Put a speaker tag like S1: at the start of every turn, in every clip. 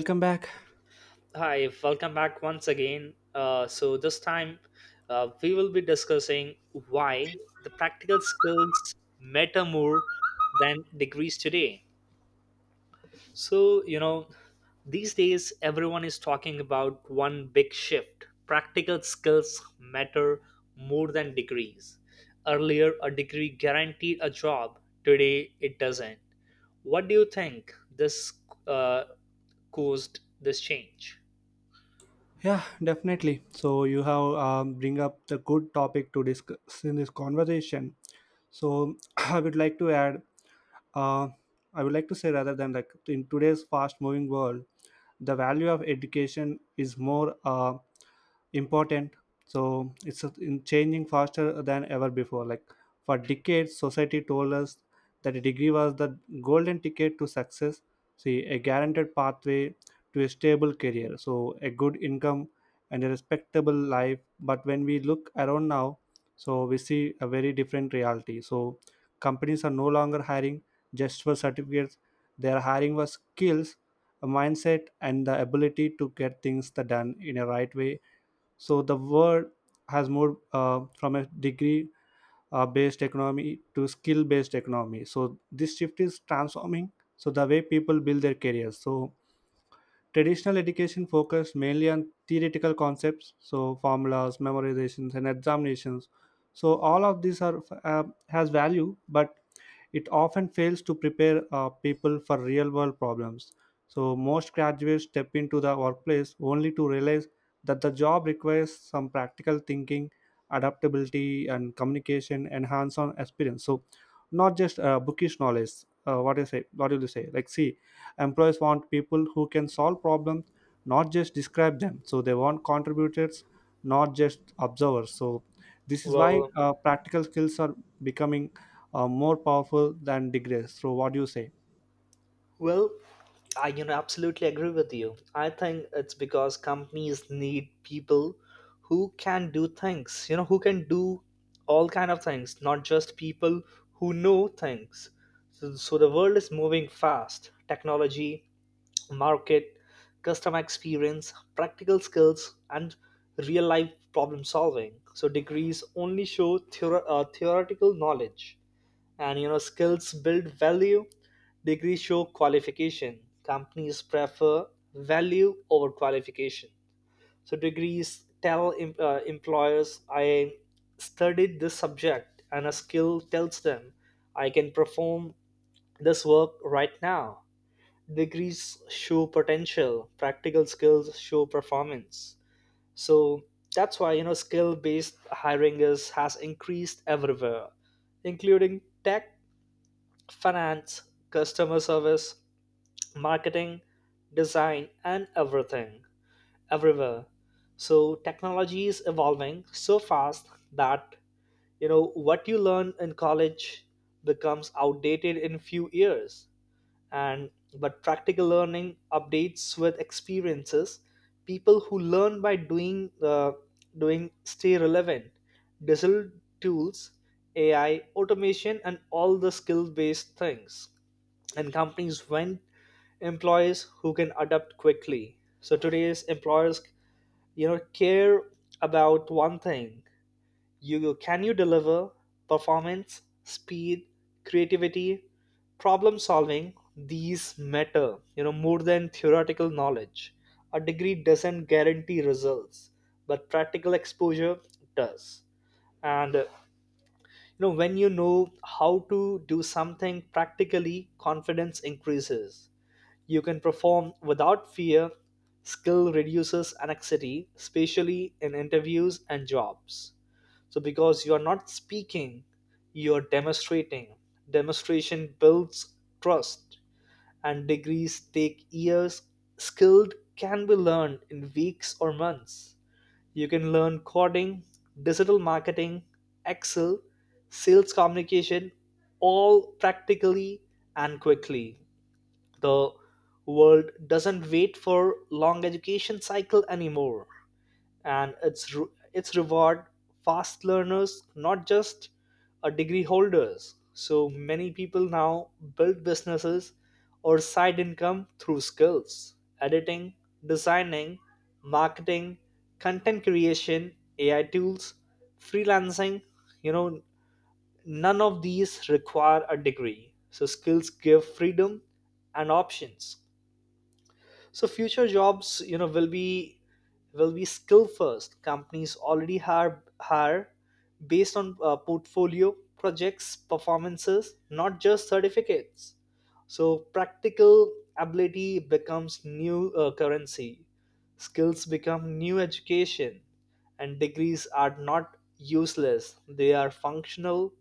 S1: Welcome back.
S2: Hi, welcome back once again. This time we will be discussing why the practical skills matter more than degrees today. So, you know, these days everyone is talking about one big shift, practical skills matter more than degrees. Earlier, a degree guaranteed a job; today, it doesn't. What do you think this uh, caused this change?
S1: Yeah, definitely. So you have bring up the good topic to discuss in this conversation. So I would like to add uh, I would like to say rather than like in today's fast moving world, the value of education is more important. So it's in changing faster than ever before. Like for decades, society told us that a degree was the golden ticket to success. See, a guaranteed pathway to a stable career, so a good income and a respectable life. But when we look around now, so we see a very different reality. So companies are no longer hiring just for certificates. They are hiring for skills, a mindset, and the ability to get things the done in a right way. So the world has moved from a degree based economy to skill based economy. So this shift is transforming. So the way people build their careers. So traditional education focused mainly on theoretical concepts, so formulas, memorizations, and examinations. So all of these are uh, has value, but it often fails to prepare people for real world problems. So, most graduates step into the workplace only to realize that the job requires some practical thinking, adaptability, and communication and hands on experience. So, not just bookish knowledge. What do you say? What do you say? Like, see, employees want people who can solve problems, not just describe them. So, they want contributors, not just observers. So, this is why
S2: Well,
S1: practical skills are becoming more powerful than degrees. So, what do you say?
S2: Well, I absolutely agree with you. I think it's because companies need people who can do things, who can do all kind of things, not just people who know things. So the world is moving fast. Technology, market, customer experience, practical skills, and real life problem solving. So degrees only show theoretical knowledge, and skills build value. Degrees show qualification, companies prefer value over qualification. So degrees tell employers I studied this subject, and a skill tells them I can perform this work right now. Degrees show potential, practical skills show performance. So that's why skill based hiring is has increased everywhere, including tech, finance, customer service, marketing, design, and everything, everywhere. So technology is evolving so fast that what you learn in college becomes outdated in few years. And but practical learning updates with experiences. People who learn by doing stay relevant. Digital tools, AI, automation, and all the skill based things, and companies want employees who can adapt quickly. So today's employers care about one thing: can you deliver? Performance, speed, creativity, problem solving, these matter more than theoretical knowledge. A degree doesn't guarantee results, but practical exposure does. And when you know how to do something practically, confidence increases, you can perform without fear. Skill reduces anxiety, especially in interviews and jobs. So, because you are not speaking, you are demonstrating. Demonstration builds trust, and degrees take years. Skilled can be learned in weeks or months. You can learn coding, digital marketing, Excel, sales communication, all practically and quickly. The world doesn't wait for long education cycle anymore, and it's reward fast learners, not just a degree holders. So many people now build businesses or side income through skills, editing, designing, marketing, content creation, AI tools, freelancing. you know none of these require a degree, so skills give freedom and options. So future jobs will be skill first. Companies already hire based on portfolio, projects, performances, not just certificates. So practical ability becomes new currency, skills become new education, and degrees are not useless, they are functional,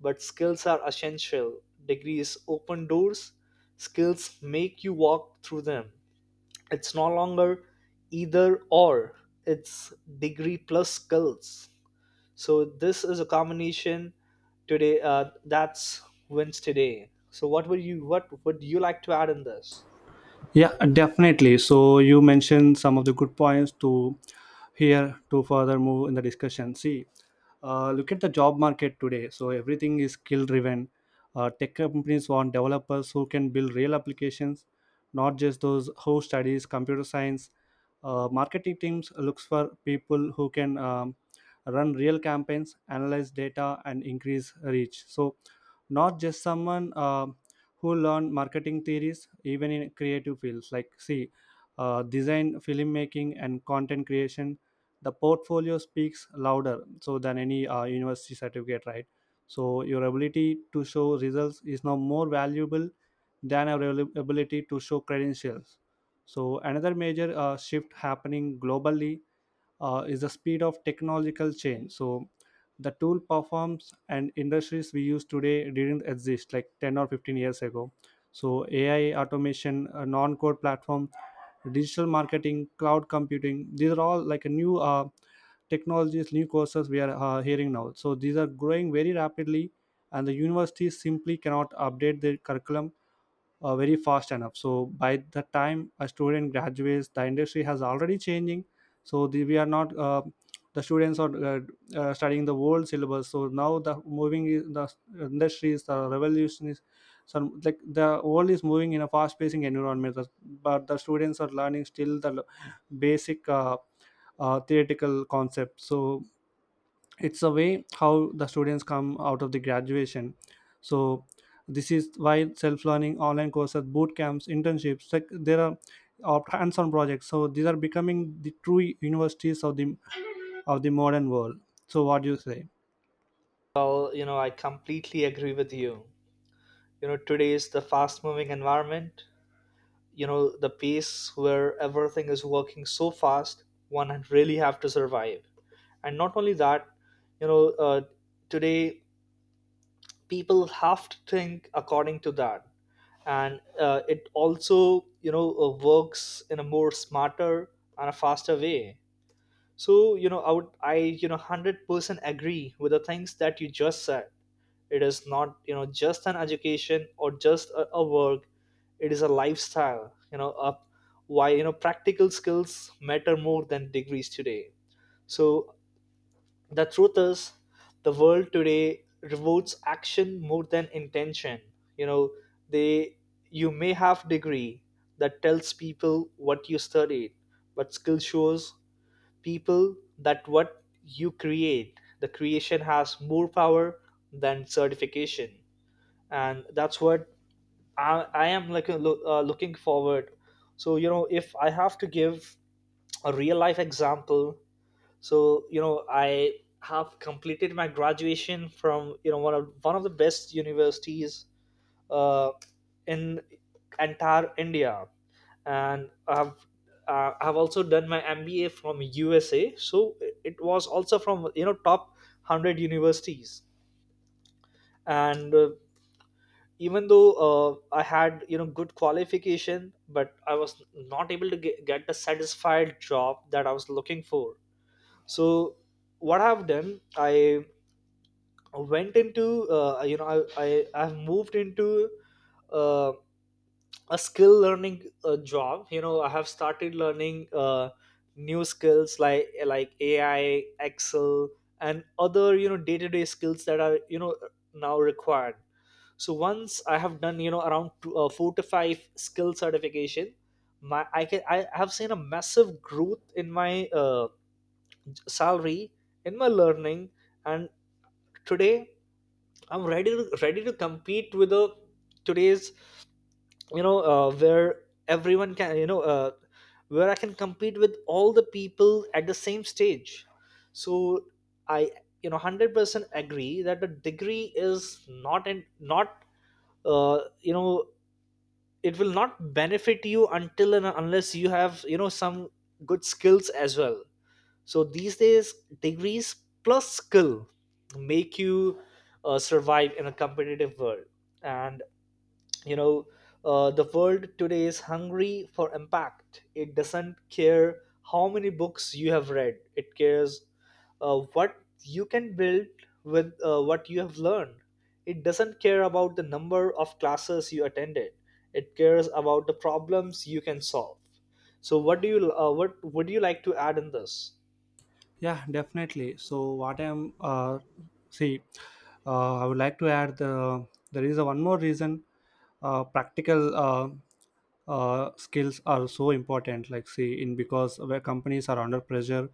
S2: but skills are essential. Degrees open doors, skills make you walk through them. It's no longer either or, it's degree plus skills. So, this is a combination today that's wins today. So, what would you like to add in this?
S1: Yeah, definitely. So, you mentioned some of the good points to here to further move in the discussion. See, look at the job market today. So, everything is skill driven. Tech companies want developers who can build real applications, not just those who studies computer science. Marketing teams looks for people who can run real campaigns, analyze data, and increase reach. So, not just someone who learn marketing theories even in creative fields like see design filmmaking and content creation the portfolio speaks louder so than any university certificate, right? So your ability to show results is now more valuable than ability to show credentials. So another major shift happening globally is the speed of technological change. So the tool performs and industries we use today didn't exist like 10 or 15 years ago. So AI, automation, a non-code platform, digital marketing, cloud computing, these are all like a new technologies, new courses we are hearing now. So these are growing very rapidly and the universities simply cannot update their curriculum very fast enough. So by the time a student graduates the industry has already changing. So we are not the students are studying the world syllabus. So now the moving is the industry is the revolution is some like the world is moving in a fast pacing environment, but the students are learning still basic theoretical concept. So it's a way how the students come out of the graduation. So this is why self-learning online courses boot camps internships, like there are of hands-on projects, so these are becoming the true universities of the modern world. So what do you say?
S2: Well, I completely agree with you. Today is the fast moving environment. The pace where everything is working so fast, one really have to survive. And not only that, you know, uh, today people have to think according to that, and it also works in a more smarter and a faster way. So I would I 100% agree with the things that you just said. It is not just an education or just a work, it is a lifestyle. Up why practical skills matter more than degrees today. So the truth is, the world today rewards action more than intention. You know, they, you may have degree that tells people what you studied, but skill shows people that what you create. The creation has more power than certification, and that's what I am looking forward. So if I have to give a real life example, so I have completed my graduation from one of the best universities uh, in entire India, and I have also done my MBA from USA. So it was also from top 100 universities, and even though I had good qualification, but I was not able to get the satisfied job that I was looking for. So what I've done, I went into I've moved into uh, a skill learning job. I have started learning new skills like AI, Excel, and other day-to-day skills that are now required. So once I have done around 4 to 5 skill certification, my I can I have seen a massive growth in my salary, in my learning, and today I'm ready to compete with the today's. Where everyone can you know where I can compete with all the people at the same stage. So I 100% agree that the degree is not uh, you know it will not benefit you until and unless you have some good skills as well. So these days, degrees plus skill make you survive in a competitive world. And you know, the world today is hungry for impact. It doesn't care how many books you have read. It cares what you can build with what you have learned. It doesn't care about the number of classes you attended. It cares about the problems you can solve. So, what would you like to add in this?
S1: Yeah, definitely. So what I'm see, I would like to add there is a one more reason practical skills are so important. Like see in because where companies are under pressure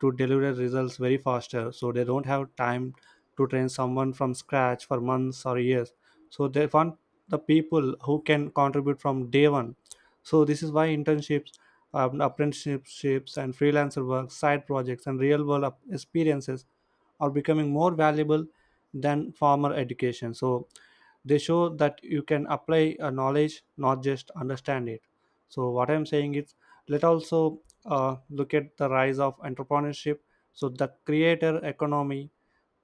S1: to deliver results very faster, so they don't have time to train someone from scratch for months or years. So they want the people who can contribute from day one. So this is why internships, apprenticeships and freelancer work, side projects and real world experiences are becoming more valuable than formal education. So they show that you can apply a knowledge, not just understand it. So what I'm saying is let also look at the rise of entrepreneurship. So the creator economy,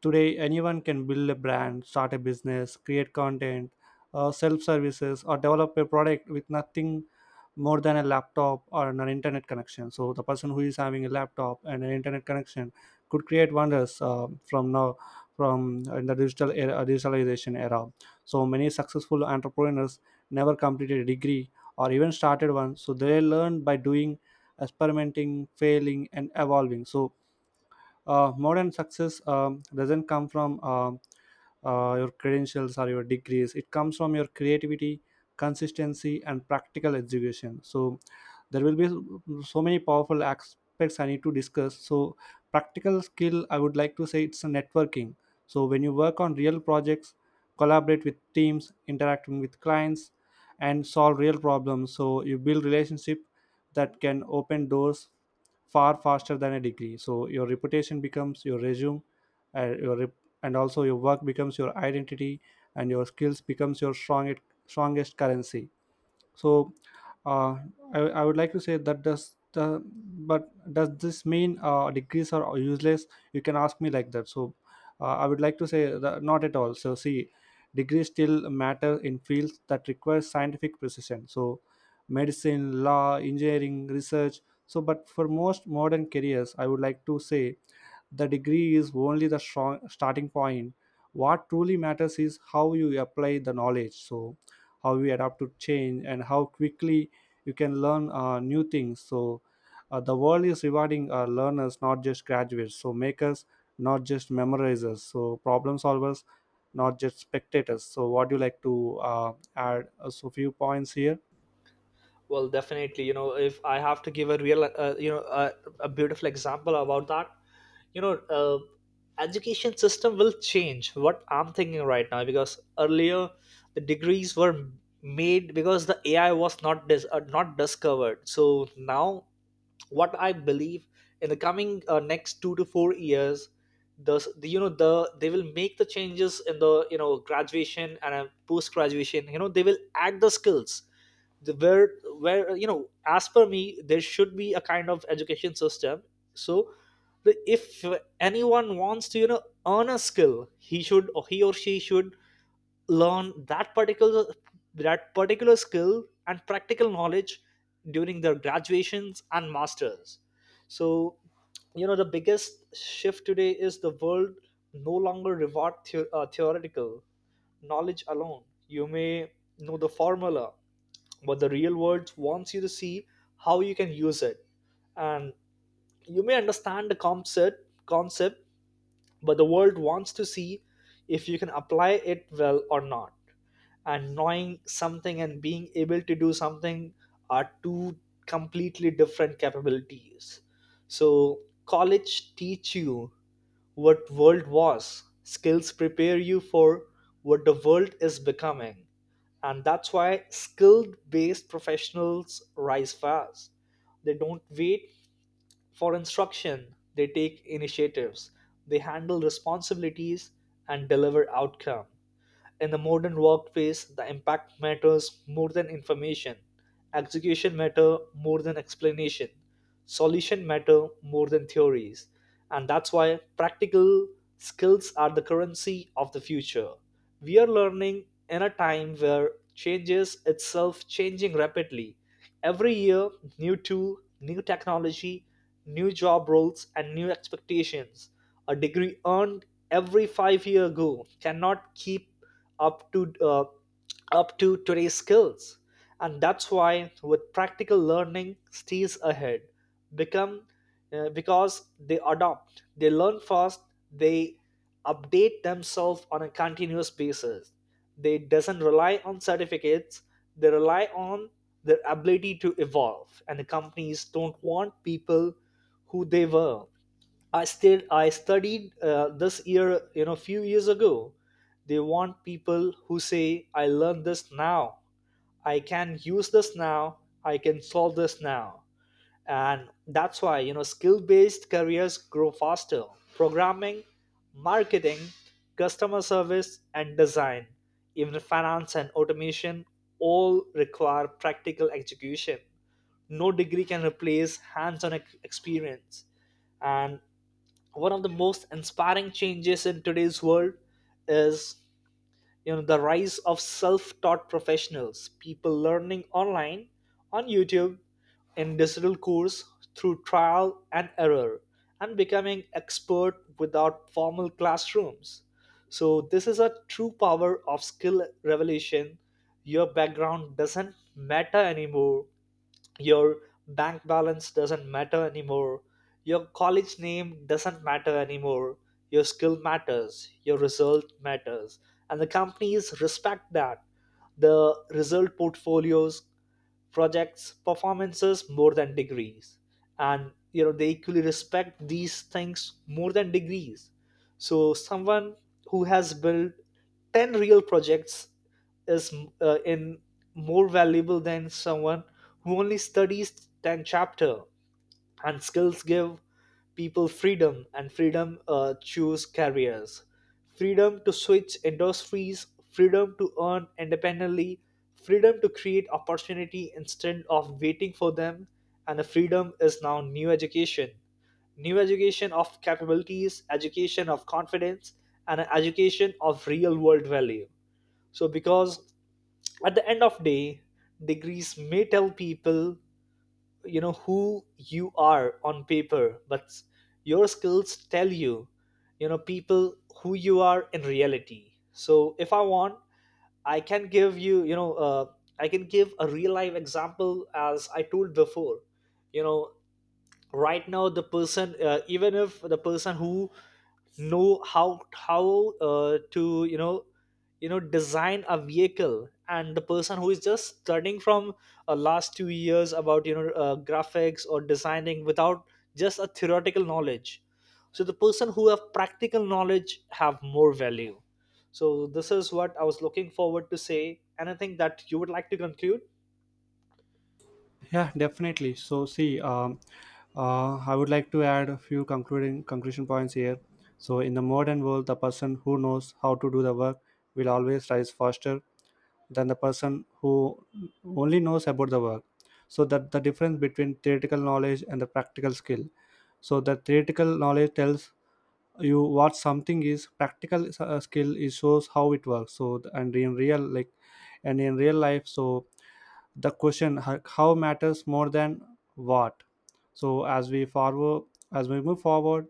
S1: today anyone can build a brand, start a business, create content, self services or develop a product with nothing more than a laptop or an internet connection. So the person who is having a laptop and an internet connection could create wonders from now from in the digital era, digitalization era. So many successful entrepreneurs never completed a degree or even started one. So they learn by doing, experimenting, failing, and evolving. So modern success doesn't come from your credentials or your degrees. It comes from your creativity, consistency and practical education. So there will be so many powerful aspects I need to discuss. So practical skill, I would like to say it's a networking. So when you work on real projects, collaborate with teams, interacting with clients and solve real problems, so you build relationship that can open doors far faster than a degree. So your reputation becomes your resume, uh, your rep- and also your work becomes your identity and your skills becomes your strongest currency. So uh, I would like to say that does the but does this mean degrees are useless? You can ask me like that. So I would like to say that not at all. So see, degrees still matter in fields that require scientific precision. So medicine, law, engineering, research. So but for most modern careers I would like to say the degree is only the strong starting point. What truly matters is how you apply the knowledge. So how you adapt to change and how quickly you can learn new things. So the world is rewarding learners, not just graduates, so makers, not just memorizers, so problem solvers, not just spectators. So what do you like to add so few points here?
S2: Well, definitely, if I have to give a real a beautiful example about that, you know uh, education system will change, what I'm thinking right now, because earlier the degrees were made because the AI was not discovered. So now what I believe, in the coming next 2 to 4 years, the you know the they will make the changes in the graduation and post graduation. They will add the skills, the, where as per me there should be a kind of education system. So the, if anyone wants to earn a skill, he should, or he or she should learn that particular skill and practical knowledge during their graduations and masters. So the biggest shift today is the world no longer reward theoretical knowledge alone. You may know the formula, but the real world wants you to see how you can use it. And you may understand the concept, but the world wants to see if you can apply it well or not. And knowing something and being able to do something are two completely different capabilities. So college teach you what world was, skills prepare you for what the world is becoming. And that's why skilled based professionals rise fast. They don't wait for instruction, they take initiatives, they handle responsibilities, and deliver outcome. In the modern workplace, the impact matters more than information. Execution matter more than explanation. Solution matter more than theories. And that's why practical skills are the currency of the future. We are learning in a time where changes itself changing rapidly. Every year, new tool, new technology, new job roles, and new expectations. A degree earned every 5 year ago cannot keep up to uh, up to today's skills. And that's why with practical learning stays ahead, become because they adopt, they learn fast, they update themselves on a continuous basis. They doesn't rely on certificates, they rely on their ability to evolve. And the companies don't want people who they were, I studied this year, few years ago. They want people who say, "I learned this now. I can use this now. I can solve this now." And that's why skill-based careers grow faster. Programming, marketing, customer service, and design, even finance and automation, all require practical execution. No degree can replace hands-on experience. And one of the most inspiring changes in today's world is the rise of self-taught professionals, people learning online on YouTube, in digital course, through trial and error, and becoming expert without formal classrooms. So this is a true power of skill revelation. Your background doesn't matter anymore, your bank balance doesn't matter anymore, your college name doesn't matter anymore. Your skill matters, your result matters, and the companies respect that, the result, portfolios, projects, performances, more than degrees. And they equally respect these things more than degrees. So someone who has built 10 real projects is in more valuable than someone who only studies 10 chapter. And skills give people freedom, and freedom choose careers, freedom to switch industries, freedom to earn independently, freedom to create opportunity instead of waiting for them. And the freedom is now new education, new education of capabilities, education of confidence, and an education of real world value. So, because at the end of day, degrees may tell people who you are on paper, but your skills tell you, you know people, who you are in reality. So if I want, I can give you you know I can give a real life example, as I told before. you know right now the person, even if the person who know how to design a vehicle, and the person who is just studying from last 2 years about graphics or designing without just a theoretical knowledge, so the person who have practical knowledge have more value. So this is what I was looking forward to say. Anything that you would like to conclude?
S1: Yeah, definitely. So, see, I would like to add a few concluding conclusion points here. So, in the modern world, the person who knows how to do the work will always rise faster than the person who only knows about the work. So, that the difference between theoretical knowledge and the practical skill. So, the theoretical knowledge tells you what something is practical skill, it shows how it works. So and in real life, so the question how matters more than what. So as we move forward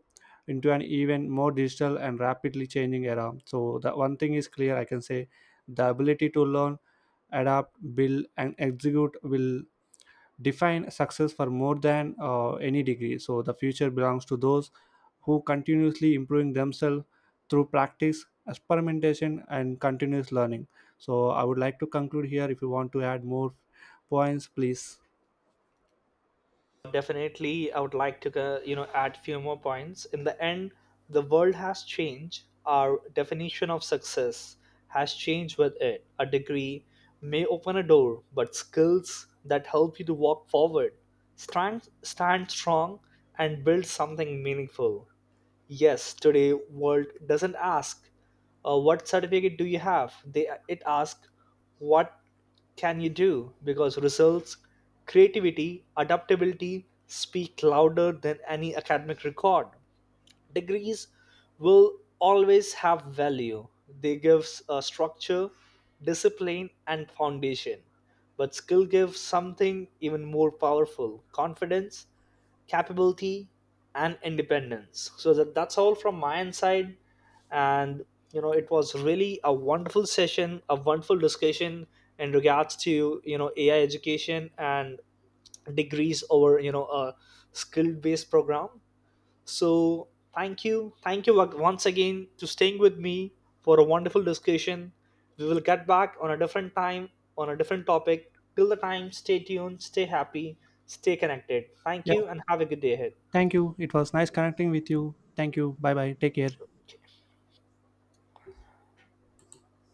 S1: into an even more digital and rapidly changing era, so the one thing is clear I can say the ability to learn, adapt, build and execute will define success for more than any degree. So the future belongs to those who continuously improving themselves through practice, experimentation and continuous learning. So I would like to conclude here. If you want to add more points please.
S2: Definitely, I would like to add few more points in the end. The world has changed, our definition of success has changed with it. A degree may open a door, but skills that help you to walk forward, stand strong, and build something meaningful. Yes, today world doesn't ask, what certificate do you have? They it asks, what can you do? Because results, creativity, adaptability speak louder than any academic record. Degrees will always have value. They gives a structure, discipline, and foundation. But skill gives something even more powerful: confidence, capability, and independence. So that's all from my end side. And it was really a wonderful session, a wonderful discussion in regards to AI education and degrees over a skill based program. So thank you, once again, to staying with me for a wonderful discussion. We will get back on a different time, on a different topic. Till the time, stay tuned, stay happy, stay connected. Thank
S1: Yeah,
S2: you, and have a good day ahead.
S1: thank you. It was nice connecting with you. Thank you. Bye bye, take care.